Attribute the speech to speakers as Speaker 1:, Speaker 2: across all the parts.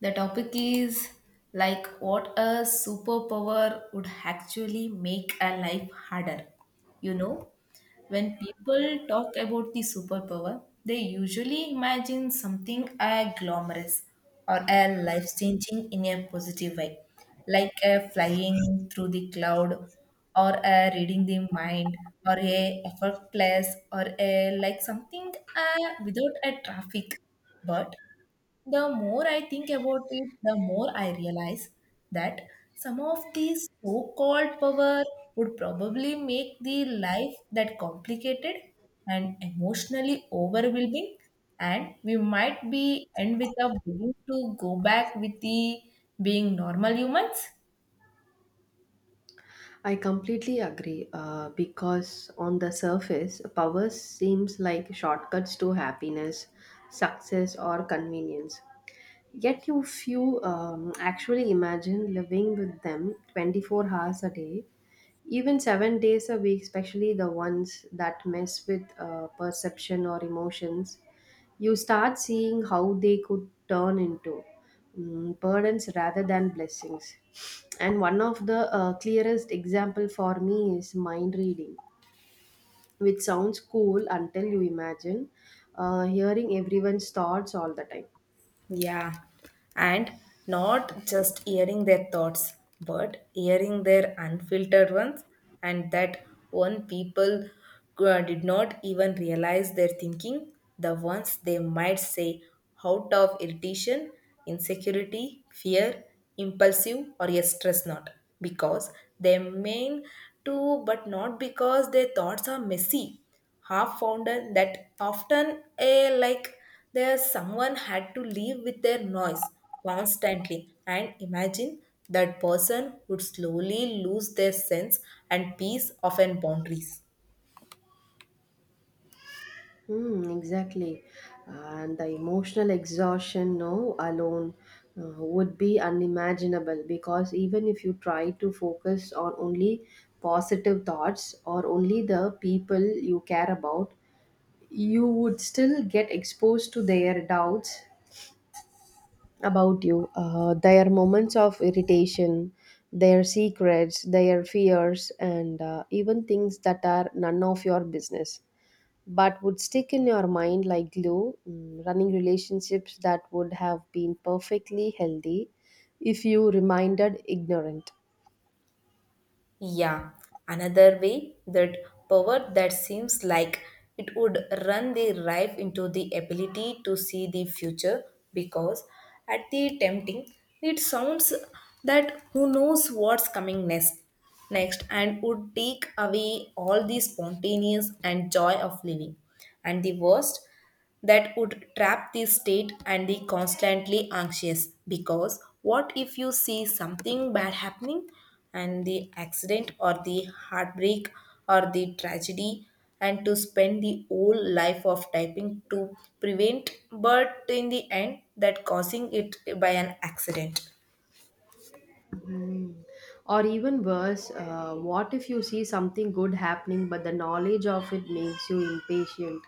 Speaker 1: The topic is like what a superpower would actually make a life harder. You know, when people talk about the superpower, they usually imagine something glamorous or a life changing in a positive way, like a flying through the cloud or a reading the mind or a effortless or a like something without a traffic. But the more I think about it, the more I realize that some of these so called power would probably make the life that complicated and emotionally overwhelming and we might be end with a willing to go back with the being normal humans.
Speaker 2: I completely agree, because on the surface, power seems like shortcuts to happiness, success, or convenience. Yet, you few actually imagine living with them 24 hours a day even 7 days a week, especially the ones that mess with perception or emotions, you start seeing how they could turn into burdens rather than blessings. And one of the clearest example for me is mind reading, which sounds cool until you imagine hearing everyone's thoughts all the time.
Speaker 1: Yeah, and not just hearing their thoughts, but hearing their unfiltered ones, and that one people did not even realize their thinking, the ones they might say out of irritation, insecurity, fear, impulsive, or a stress not, because they mean to, but not because their thoughts are messy. Half founder that often a like there someone had to live with their noise constantly and imagine that person would slowly lose their sense and peace of an boundaries.
Speaker 2: Hmm, exactly. And the emotional exhaustion, no, alone would be unimaginable because even if you try to focus on only positive thoughts or only the people you care about, you would still get exposed to their doubts about you, their moments of irritation, their secrets, their fears, and even things that are none of your business but would stick in your mind like glue, running relationships that would have been perfectly healthy if you remained ignorant.
Speaker 1: Yeah, another way that power that seems like it would run the rife into the ability to see the future because at the tempting it sounds that who knows what's coming next and would take away all the spontaneous and joy of living, and the worst that would trap the state and the constantly anxious because what if you see something bad happening and the accident or the heartbreak or the tragedy and to spend the whole life of typing to prevent but in the end that causing it by an accident.
Speaker 2: Mhm. Or even worse, what if you see something good happening but the knowledge of it makes you impatient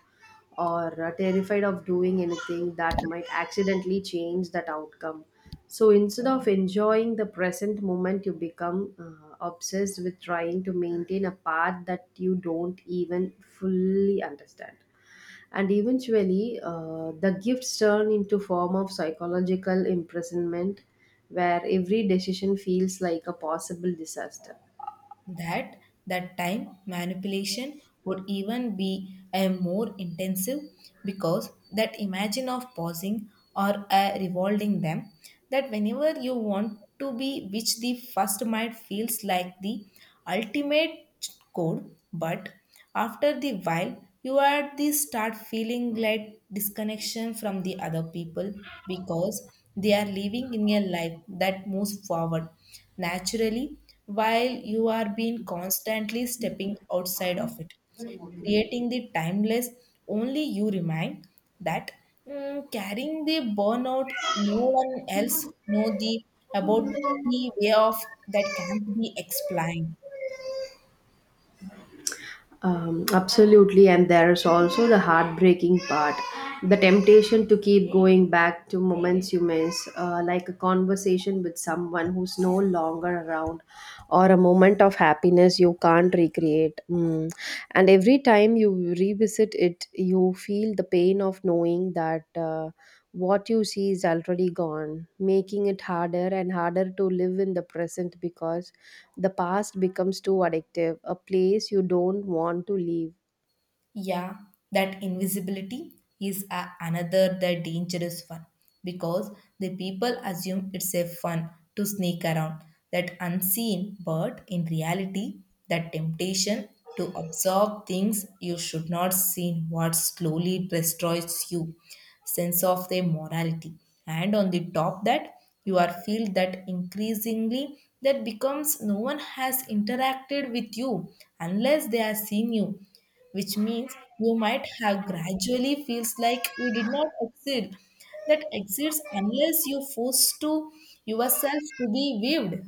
Speaker 2: or terrified of doing anything that might accidentally change that outcome? So instead of enjoying the present moment, you become obsessed with trying to maintain a path that you don't even fully understand and eventually the gifts turn into form of psychological imprisonment where every decision feels like a possible disaster.
Speaker 1: That that time manipulation would even be a more intensive because that imagine of pausing or revolving them that whenever you want to be, which the first mind feels like the ultimate code, but after the while you are the start feeling like disconnection from the other people because they are living in a life that moves forward naturally while you are being constantly stepping outside of it, creating the timeless only you remind that carrying the burnout no one else know the about the way of that can't be explained.
Speaker 2: Absolutely, and there's also the heartbreaking part, the temptation to keep going back to moments you miss, like a conversation with someone who's no longer around or a moment of happiness you can't recreate. Mm. And every time you revisit it, you feel the pain of knowing that what you see is already gone, making it harder and harder to live in the present because the past becomes too addictive, a place you don't want to leave.
Speaker 1: Yeah, that invisibility is another the dangerous one because the people assume it's a fun to sneak around that unseen, but in reality, the temptation to absorb things you should not see what slowly destroys you sense of their morality, and on the top that you are feel that increasingly that becomes no one has interacted with you unless they have seen you, which means you might have gradually feels like you did not exceed that exists unless you force to yourself to be waved,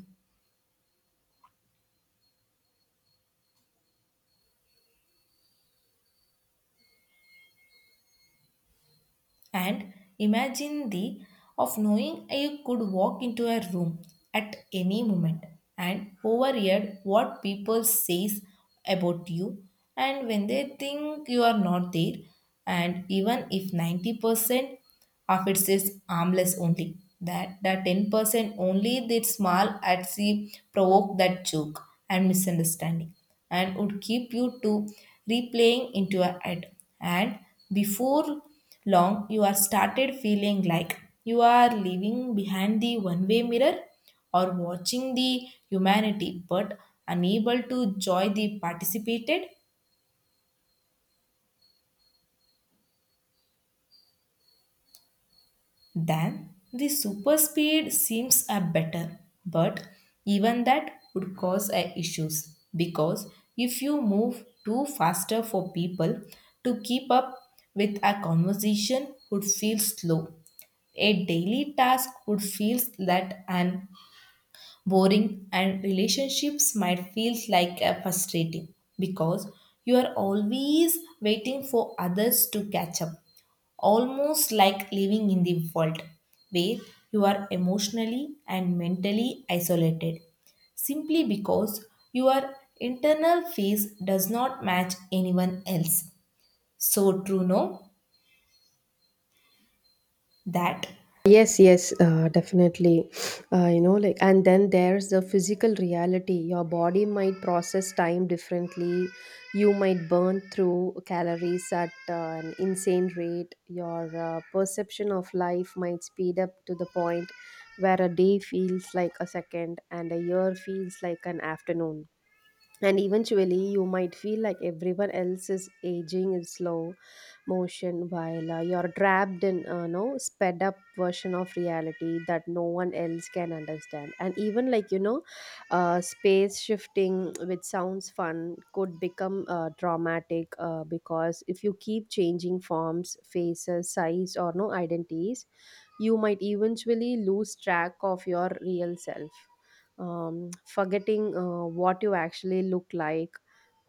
Speaker 1: and imagine the of knowing you could walk into a room at any moment and overhear what people says about you and when they think you are not there. And even if 90% of it says harmless only. That the 10% only that small at sea provoke that joke and misunderstanding and would keep you to replaying into your head. And before long you are started feeling like you are living behind the one-way mirror or watching the humanity but unable to join the participated. Then the super speed seems a better, but even that would cause a issues because if you move too faster for people to keep up, with a conversation would feel slow. A daily task would feel that and boring, and relationships might feel like a frustrating because you are always waiting for others to catch up, almost like living in the world where you are emotionally and mentally isolated simply because your internal phase does not match anyone else, so true no that.
Speaker 2: Yes, yes, definitely. Like, and then there's the physical reality. Your body might process time differently. You might burn through calories at an insane rate. Your perception of life might speed up to the point where a day feels like a second and a year feels like an afternoon, and eventually you might feel like everyone else is aging in slow motion while you're trapped in a no sped up version of reality that no one else can understand. And even, like, you know, space shifting, which sounds fun, could become dramatic, because if you keep changing forms, faces, size, or no identities, you might eventually lose track of your real self, forgetting what you actually look like,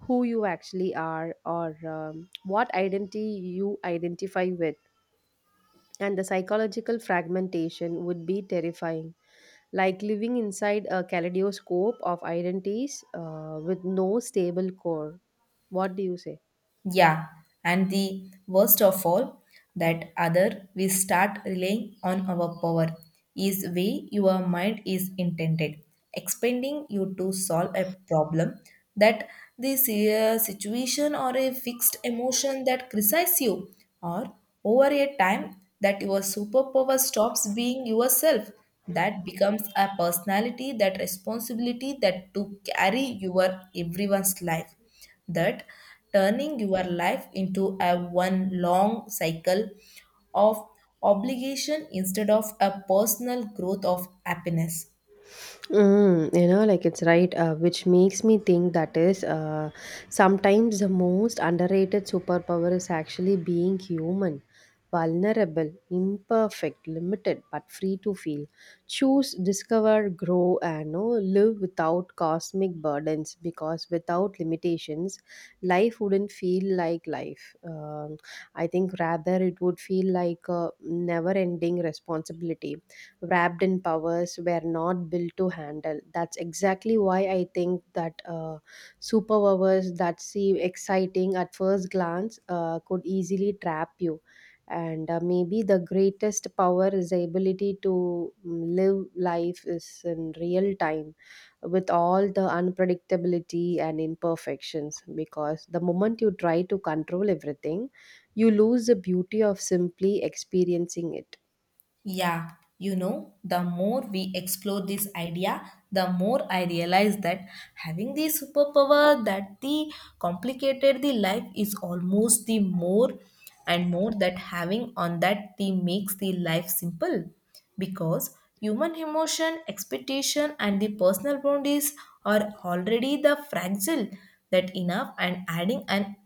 Speaker 2: who you actually are, or what identity you identify with. And the psychological fragmentation would be terrifying, like living inside a kaleidoscope of identities with no stable core. What do you say?
Speaker 1: Yeah, and the worst of all, that other we start relying on our power is way your mind is intended, expanding you to solve a problem, that this situation or a fixed emotion that criticizes you, or over a time that your superpower stops being yourself. That becomes a personality, that responsibility that to carry your everyone's life, that turning your life into a one long cycle of obligation instead of a personal growth of happiness.
Speaker 2: Mm, like, it's right, which makes me think that is, sometimes the most underrated superpower is actually being human, vulnerable, imperfect, limited, but free to feel. Choose, discover, grow, and know, live without cosmic burdens because without limitations, life wouldn't feel like life. I think rather it would feel like a never ending responsibility wrapped in powers were not built to handle. That's exactly why I think that superpowers that seem exciting at first glance could easily trap you. And maybe the greatest power is the ability to live life is in real time with all the unpredictability and imperfections, because the moment you try to control everything, you lose the beauty of simply experiencing it.
Speaker 1: Yeah, you know, the more we explore this idea, the more I realize that having the superpower that the complicated the life is almost the more and more that having on that the makes the life simple, because human emotion, expectation and the personal boundaries are already the fragile that enough, and adding an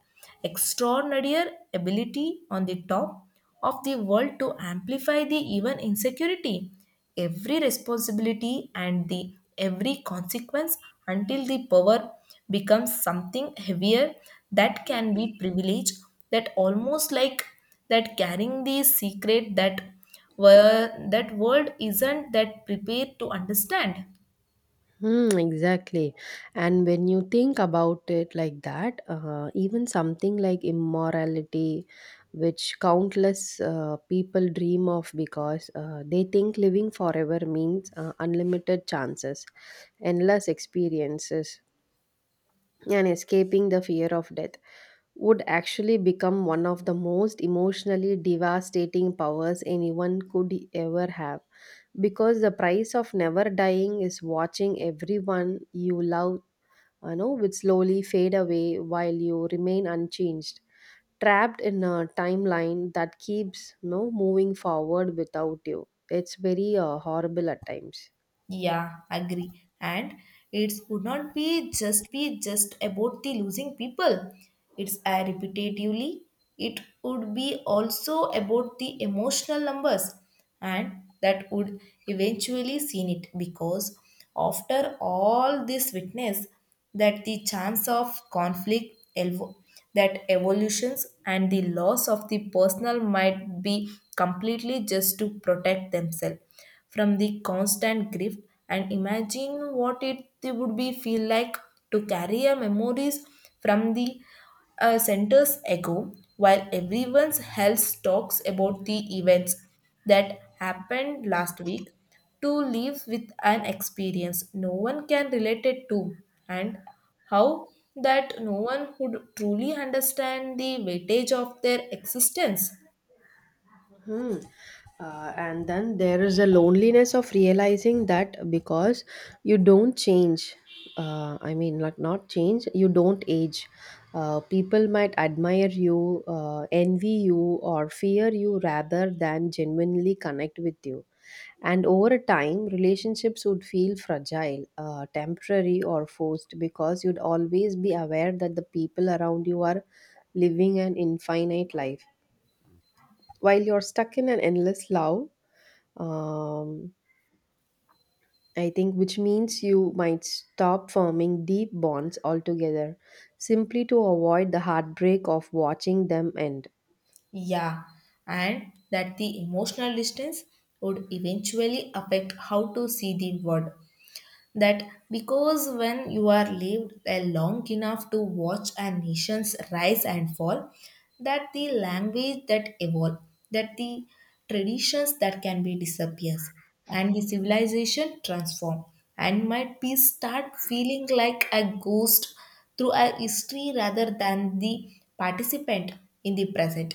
Speaker 1: extraordinary ability on the top of the world to amplify the even insecurity, every responsibility and the every consequence, until the power becomes something heavier that can be privilege, that almost like that carrying the secret that were that world isn't that prepared to understand.
Speaker 2: Hmm, exactly. And when you think about it like that, even something like immorality, which countless people dream of because they think living forever means unlimited chances, endless experiences, and escaping the fear of death, would actually become one of the most emotionally devastating powers anyone could ever have, because the price of never dying is watching everyone you love would slowly fade away while you remain unchanged, trapped in a timeline that keeps moving forward without you. It's very horrible at times.
Speaker 1: Yeah, agree. And it would not be just about the losing people. It's repetitively. It would be also about the emotional numbers, and that would eventually seen it because after all this witness, that the chance of conflict, that evolutions and the loss of the personal might be completely just to protect themselves from the constant grief, and imagine what it would be feel like to carry a memories from the centers echo while everyone else talks about the events that happened last week, to live with an experience no one can relate it to, and how that no one would truly understand the weightage of their existence.
Speaker 2: Hmm. And then there is a loneliness of realizing that because you don't change, I mean, like, not change, you don't age. People might admire you, envy you, or fear you rather than genuinely connect with you. And over time, relationships would feel fragile, temporary, or forced, because you'd always be aware that the people around you are living an infinite life. While you're stuck in an endless love, um, I think, which means you might stop forming deep bonds altogether simply to avoid the heartbreak of watching them end.
Speaker 1: Yeah, and that the emotional distance would eventually affect how to see the world. That because when you are lived a long enough to watch a nation's rise and fall, that the language that evolve, that the traditions that can be disappears, and the civilization transform, and might be start feeling like a ghost through a history rather than the participant in the present,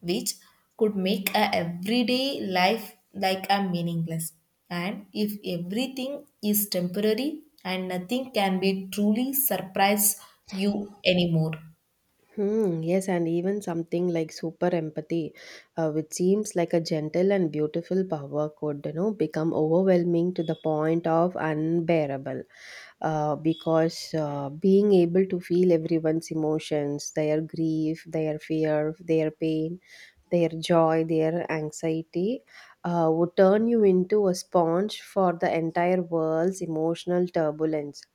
Speaker 1: which could make a everyday life like a meaningless, and if everything is temporary and nothing can be truly surprise you anymore.
Speaker 2: Hmm, yes, and even something like super empathy, which seems like a gentle and beautiful power, could, you know, become overwhelming to the point of unbearable. Because being able to feel everyone's emotions, their grief, their fear, their pain, their joy, their anxiety, would turn you into a sponge for the entire world's emotional turbulence.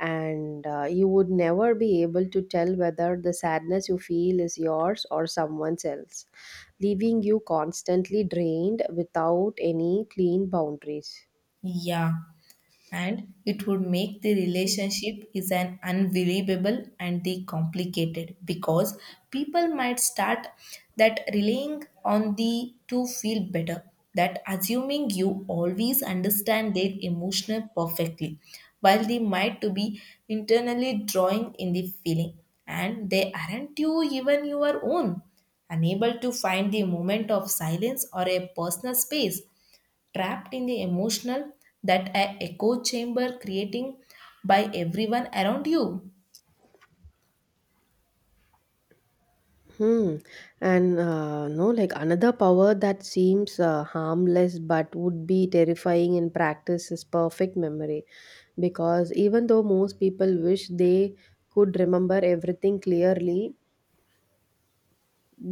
Speaker 2: And you would never be able to tell whether the sadness you feel is yours or someone else's, leaving you constantly drained without any clean boundaries.
Speaker 1: Yeah, and it would make the relationship is an unbelievable and the complicated because people might start that relying on the to feel better, that assuming you always understand their emotional perfectly, while they might to be internally drawing in the feeling, and they aren't you even your own, unable to find the moment of silence or a personal space, trapped in the emotional that a echo chamber creating by everyone around you.
Speaker 2: Hmm. And no, like, another power that seems harmless but would be terrifying in practice is perfect memory. Because even though most people wish they could remember everything clearly,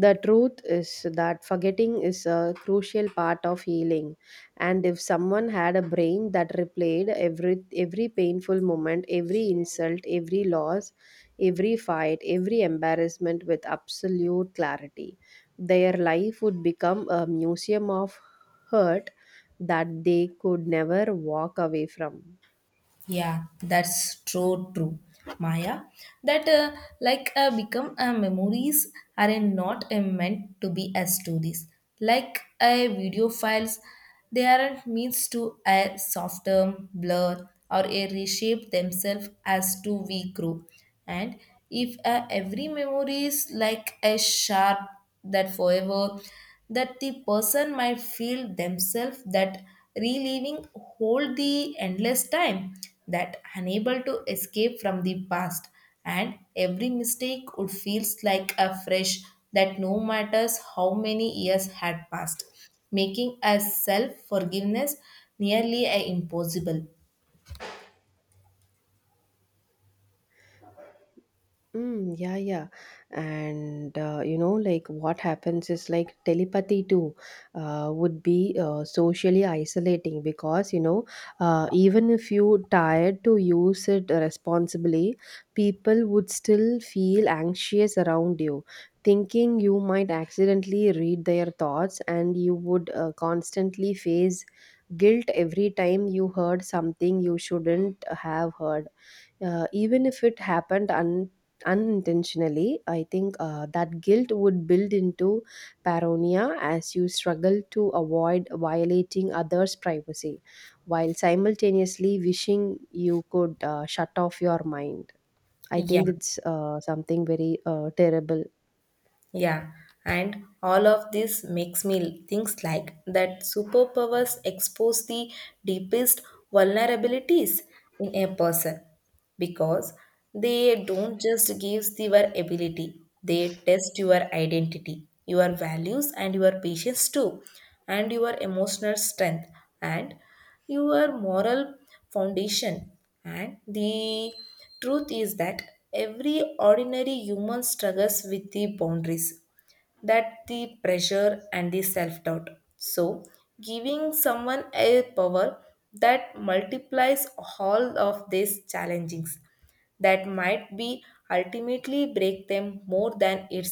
Speaker 2: the truth is that forgetting is a crucial part of healing. And if someone had a brain that replayed every painful moment, every insult, every loss, every fight, every embarrassment with absolute clarity, their life would become a museum of hurt that they could never walk away from.
Speaker 1: Yeah, that's true, true, Maya. That like become memories are not meant to be as stories, like video files. They aren't means to a softer blur or a reshape themselves as to we grow, and if every memory is like a sharp that forever, that the person might feel themselves that reliving hold the endless time, that unable to escape from the past, and every mistake would feels like a fresh that no matters how many years had passed, making a self forgiveness nearly a impossible.
Speaker 2: Mm, yeah, yeah. And like, what happens is, like, telepathy too would be socially isolating because even if you tired to use it responsibly, people would still feel anxious around you, thinking you might accidentally read their thoughts, and you would constantly face guilt every time you heard something you shouldn't have heard, even if it happened unintentionally. I think that guilt would build into paranoia as you struggle to avoid violating others privacy while simultaneously wishing you could shut off your mind. I
Speaker 1: Yeah.
Speaker 2: think it's something very terrible.
Speaker 1: Yeah, and all of this makes me think like that superpowers expose the deepest vulnerabilities in a person, because they don't just give your ability, they test your identity, your values, and your patience too, and your emotional strength. And your moral foundation. And the truth is that every ordinary human struggles with the boundaries, that the pressure and the self doubt. So, giving someone a power that multiplies all of these challenges that might be ultimately break them more than it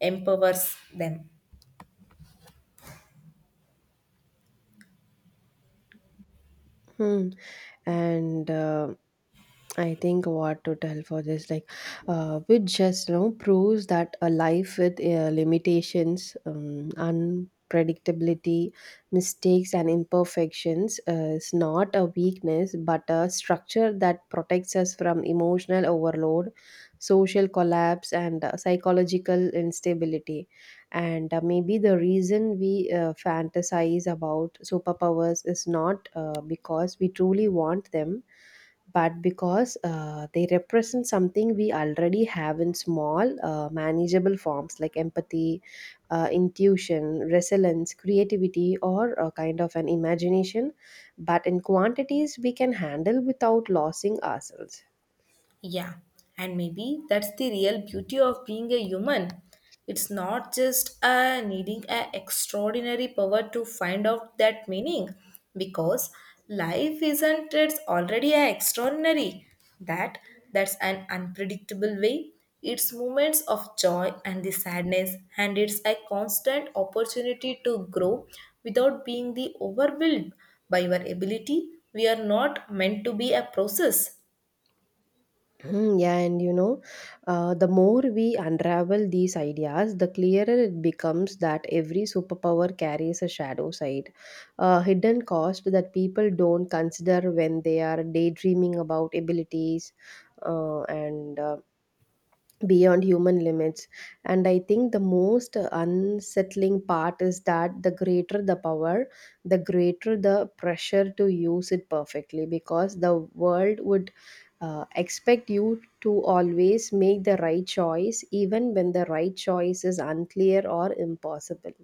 Speaker 1: empowers them.
Speaker 2: Hmm. And I think what to tell for this, like, which just proves that a life with limitations, unpredictability, mistakes, and imperfections is not a weakness, but a structure that protects us from emotional overload, social collapse, and psychological instability, and maybe the reason we fantasize about superpowers is not because we truly want them, but because they represent something we already have in small, manageable forms, like empathy, intuition, resilience, creativity, or a kind of an imagination, but in quantities we can handle without losing ourselves.
Speaker 1: Yeah, and maybe that's the real beauty of being a human. It's not just needing an extraordinary power to find out that meaning, because life isn't it's already a extraordinary. That that's an unpredictable way. It's moments of joy and the sadness, and it's a constant opportunity to grow without being the overwhelmed by your ability. We are not meant to be a process.
Speaker 2: Hmm, yeah, and the more we unravel these ideas, the clearer it becomes that every superpower carries a shadow side, a hidden cost that people don't consider when they are daydreaming about abilities, and beyond human limits. And I think the most unsettling part is that the greater the power, the greater the pressure to use it perfectly, because the world would expect you to always make the right choice even when the right choice is unclear or impossible.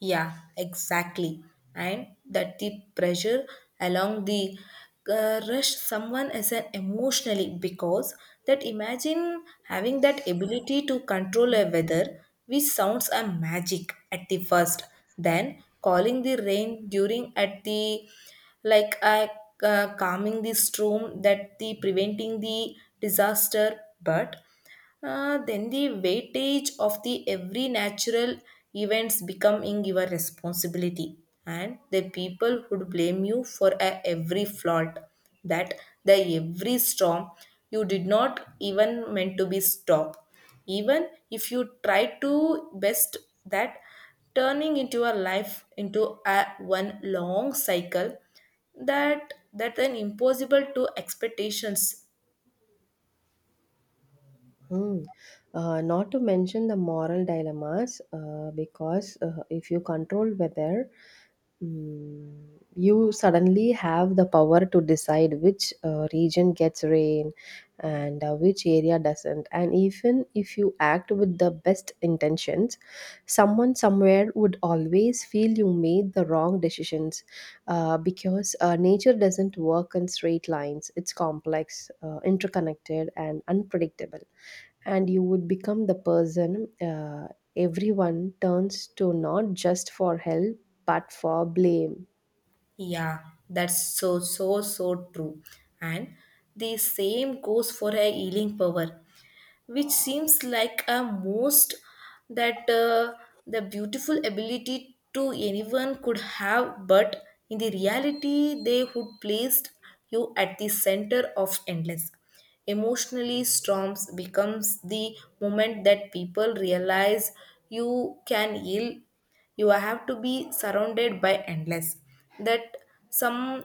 Speaker 1: Yeah, exactly. And that the pressure along the rush someone as an emotionally, because that imagine having that ability to control a weather, which sounds a magic at the first, then calling the rain during at the like a calming the storm that the preventing the disaster, but then the weightage of the every natural events becoming your responsibility, and the people would blame you for a every fault, that the every storm you did not even meant to be stopped even if you try to best, that turning into a life into a one long cycle that that an impossible to expectations.
Speaker 2: Hmm. Not to mention the moral dilemmas, because if you control weather, mm, you suddenly have the power to decide which region gets rain and which area doesn't. And even if you act with the best intentions, someone somewhere would always feel you made the wrong decisions, because nature doesn't work in straight lines. It's complex, interconnected, and unpredictable. And you would become the person everyone turns to, not just for help but for blame.
Speaker 1: Yeah, that's so, so, so true. And the same goes for a healing power, which seems like a most that the beautiful ability to anyone could have, but in the reality they would placed you at the center of endless emotionally storms, becomes the moment that people realize you can heal, you have to be surrounded by endless that some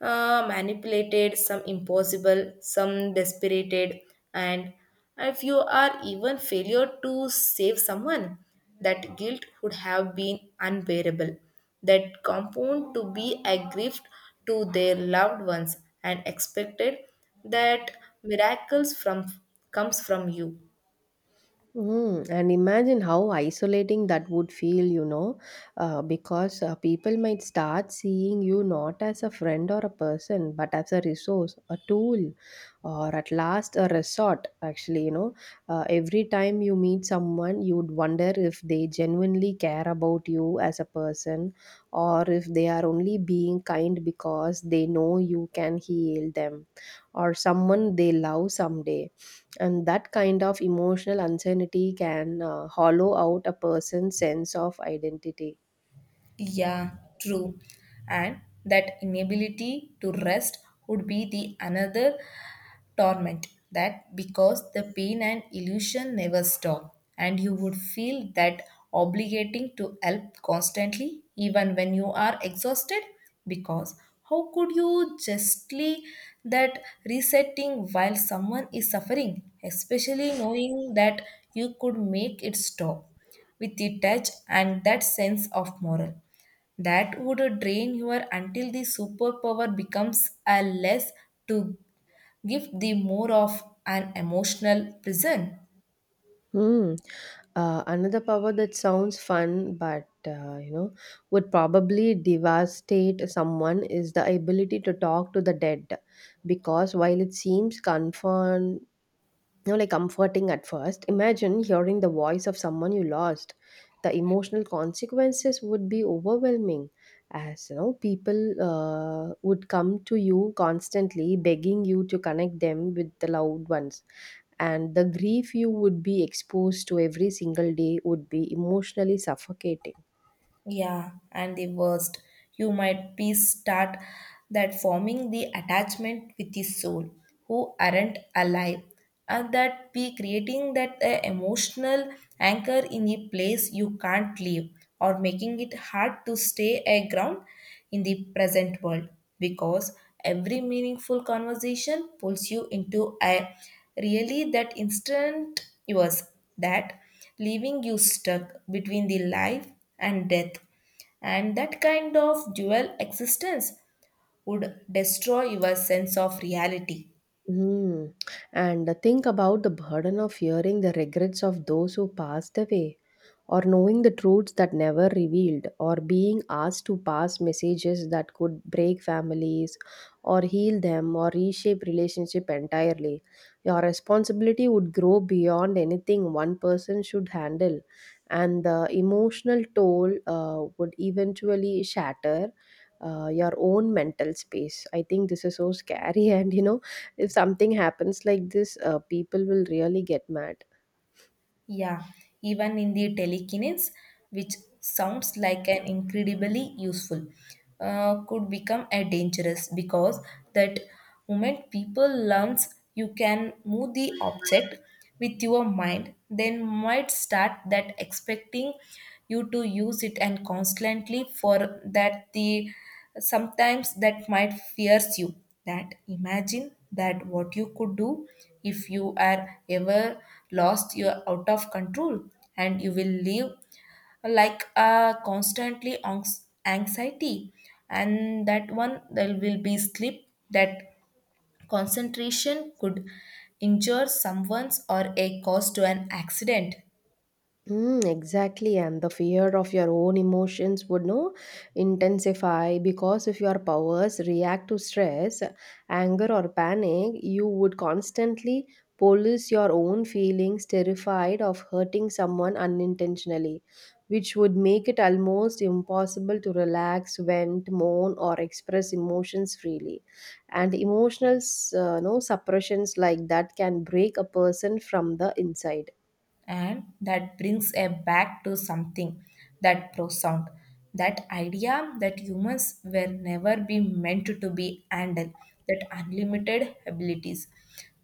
Speaker 1: manipulated, some impossible, some desperated, and if you are even failure to save someone, that guilt would have been unbearable. That compound to be a gift to their loved ones, and expected that miracles from comes from you.
Speaker 2: Mm, and imagine how isolating that would feel, because people might start seeing you not as a friend or a person, but as a resource, a tool, or at last a resort. Actually, every time you meet someone, you'd wonder if they genuinely care about you as a person, or if they are only being kind because they know you can heal them, or someone they love someday. And that kind of emotional uncertainty can hollow out a person's sense of identity.
Speaker 1: Yeah, true. And that inability to rest would be the another torment, that because the pain and illusion never stop, and you would feel that obligating to help constantly even when you are exhausted, because how could you justly that resetting while someone is suffering, especially knowing that you could make it stop with the touch, and that sense of moral that would drain your until the superpower becomes a less to give the more of an emotional prison.
Speaker 2: Hmm. Another power that sounds fun, but, would probably devastate someone is the ability to talk to the dead, because while it seems comfort know like comforting at first, imagine hearing the voice of someone you lost. The emotional consequences would be overwhelming, as you know people would come to you constantly begging you to connect them with the loved ones, and the grief you would be exposed to every single day would be emotionally suffocating.
Speaker 1: Yeah, and the worst, you might be start that forming the attachment with the soul who aren't alive, and that be creating that emotional anchor in a place you can't leave, or making it hard to stay a ground in the present world, because every meaningful conversation pulls you into a really that instant yours, that leaving you stuck between the life and death, and that kind of dual existence would destroy your sense of reality.
Speaker 2: Mm. And think about the burden of hearing the regrets of those who passed away, or knowing the truths that never revealed, or being asked to pass messages that could break families, or heal them, or reshape relationship entirely. Your responsibility would grow beyond anything one person should handle, and the emotional toll would eventually shatter. Your own mental space. I think this is so scary, and if something happens like this, people will really get mad.
Speaker 1: Yeah, even in the telekinesis, which sounds like an incredibly useful, could become a dangerous, because that moment people learns you can move the object with your mind, then might start that expecting you to use it and constantly for that, the sometimes that might fears you, that imagine that what you could do if you are ever lost you're out of control, and you will live like a constantly anxiety, and that one there will be sleep that concentration could injure someone's or a cause to an accident.
Speaker 2: Mm, exactly, and the fear of your own emotions would no intensify, because if your powers react to stress, anger, or panic, you would constantly police your own feelings, terrified of hurting someone unintentionally, which would make it almost impossible to relax, vent, moan, or express emotions freely. And emotional, no, suppressions like that can break a person from the inside.
Speaker 1: And that brings a back to something that profound, that idea that humans were never be meant to be handled that unlimited abilities,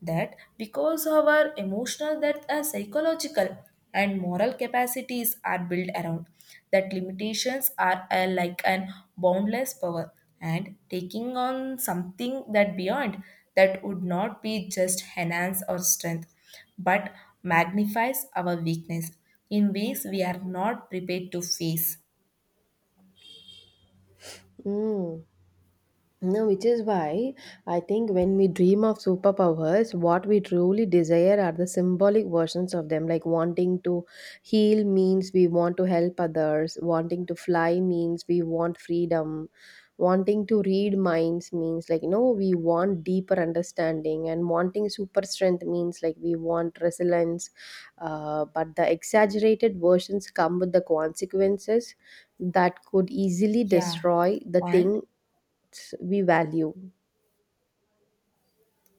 Speaker 1: that because our emotional that are psychological and moral capacities are built around that limitations are like an boundless power, and taking on something that beyond that would not be just enhance or strength, but magnifies our weakness in ways we are not prepared to face.
Speaker 2: Mm. No, which is why I think when we dream of superpowers, what we truly desire are the symbolic versions of them. Like, wanting to heal means we want to help others, wanting to fly means we want freedom, wanting to read minds means, like, you know, we want deeper understanding, and wanting super strength means, like, we want resilience. But the exaggerated versions come with the consequences that could easily
Speaker 1: Yeah,
Speaker 2: destroy the
Speaker 1: and
Speaker 2: thing we value.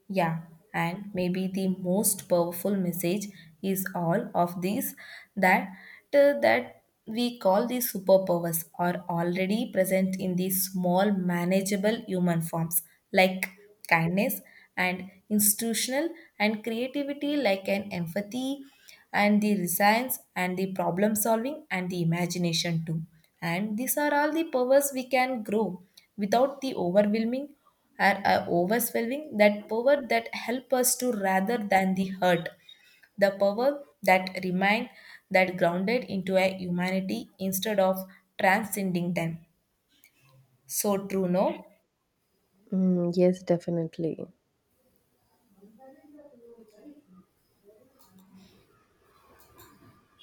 Speaker 1: Yeah, and maybe the most powerful message is all of these that that we call the superpowers are already present in the small manageable human forms, like kindness and institutional and creativity, like an empathy and the resilience and the problem solving and the imagination too, and these are all the powers we can grow without the overwhelming are overwhelming, that power that help us to rather than the hurt, the power that remind that grounded into a humanity instead of transcending them, so true no.
Speaker 2: Mm, yes, definitely.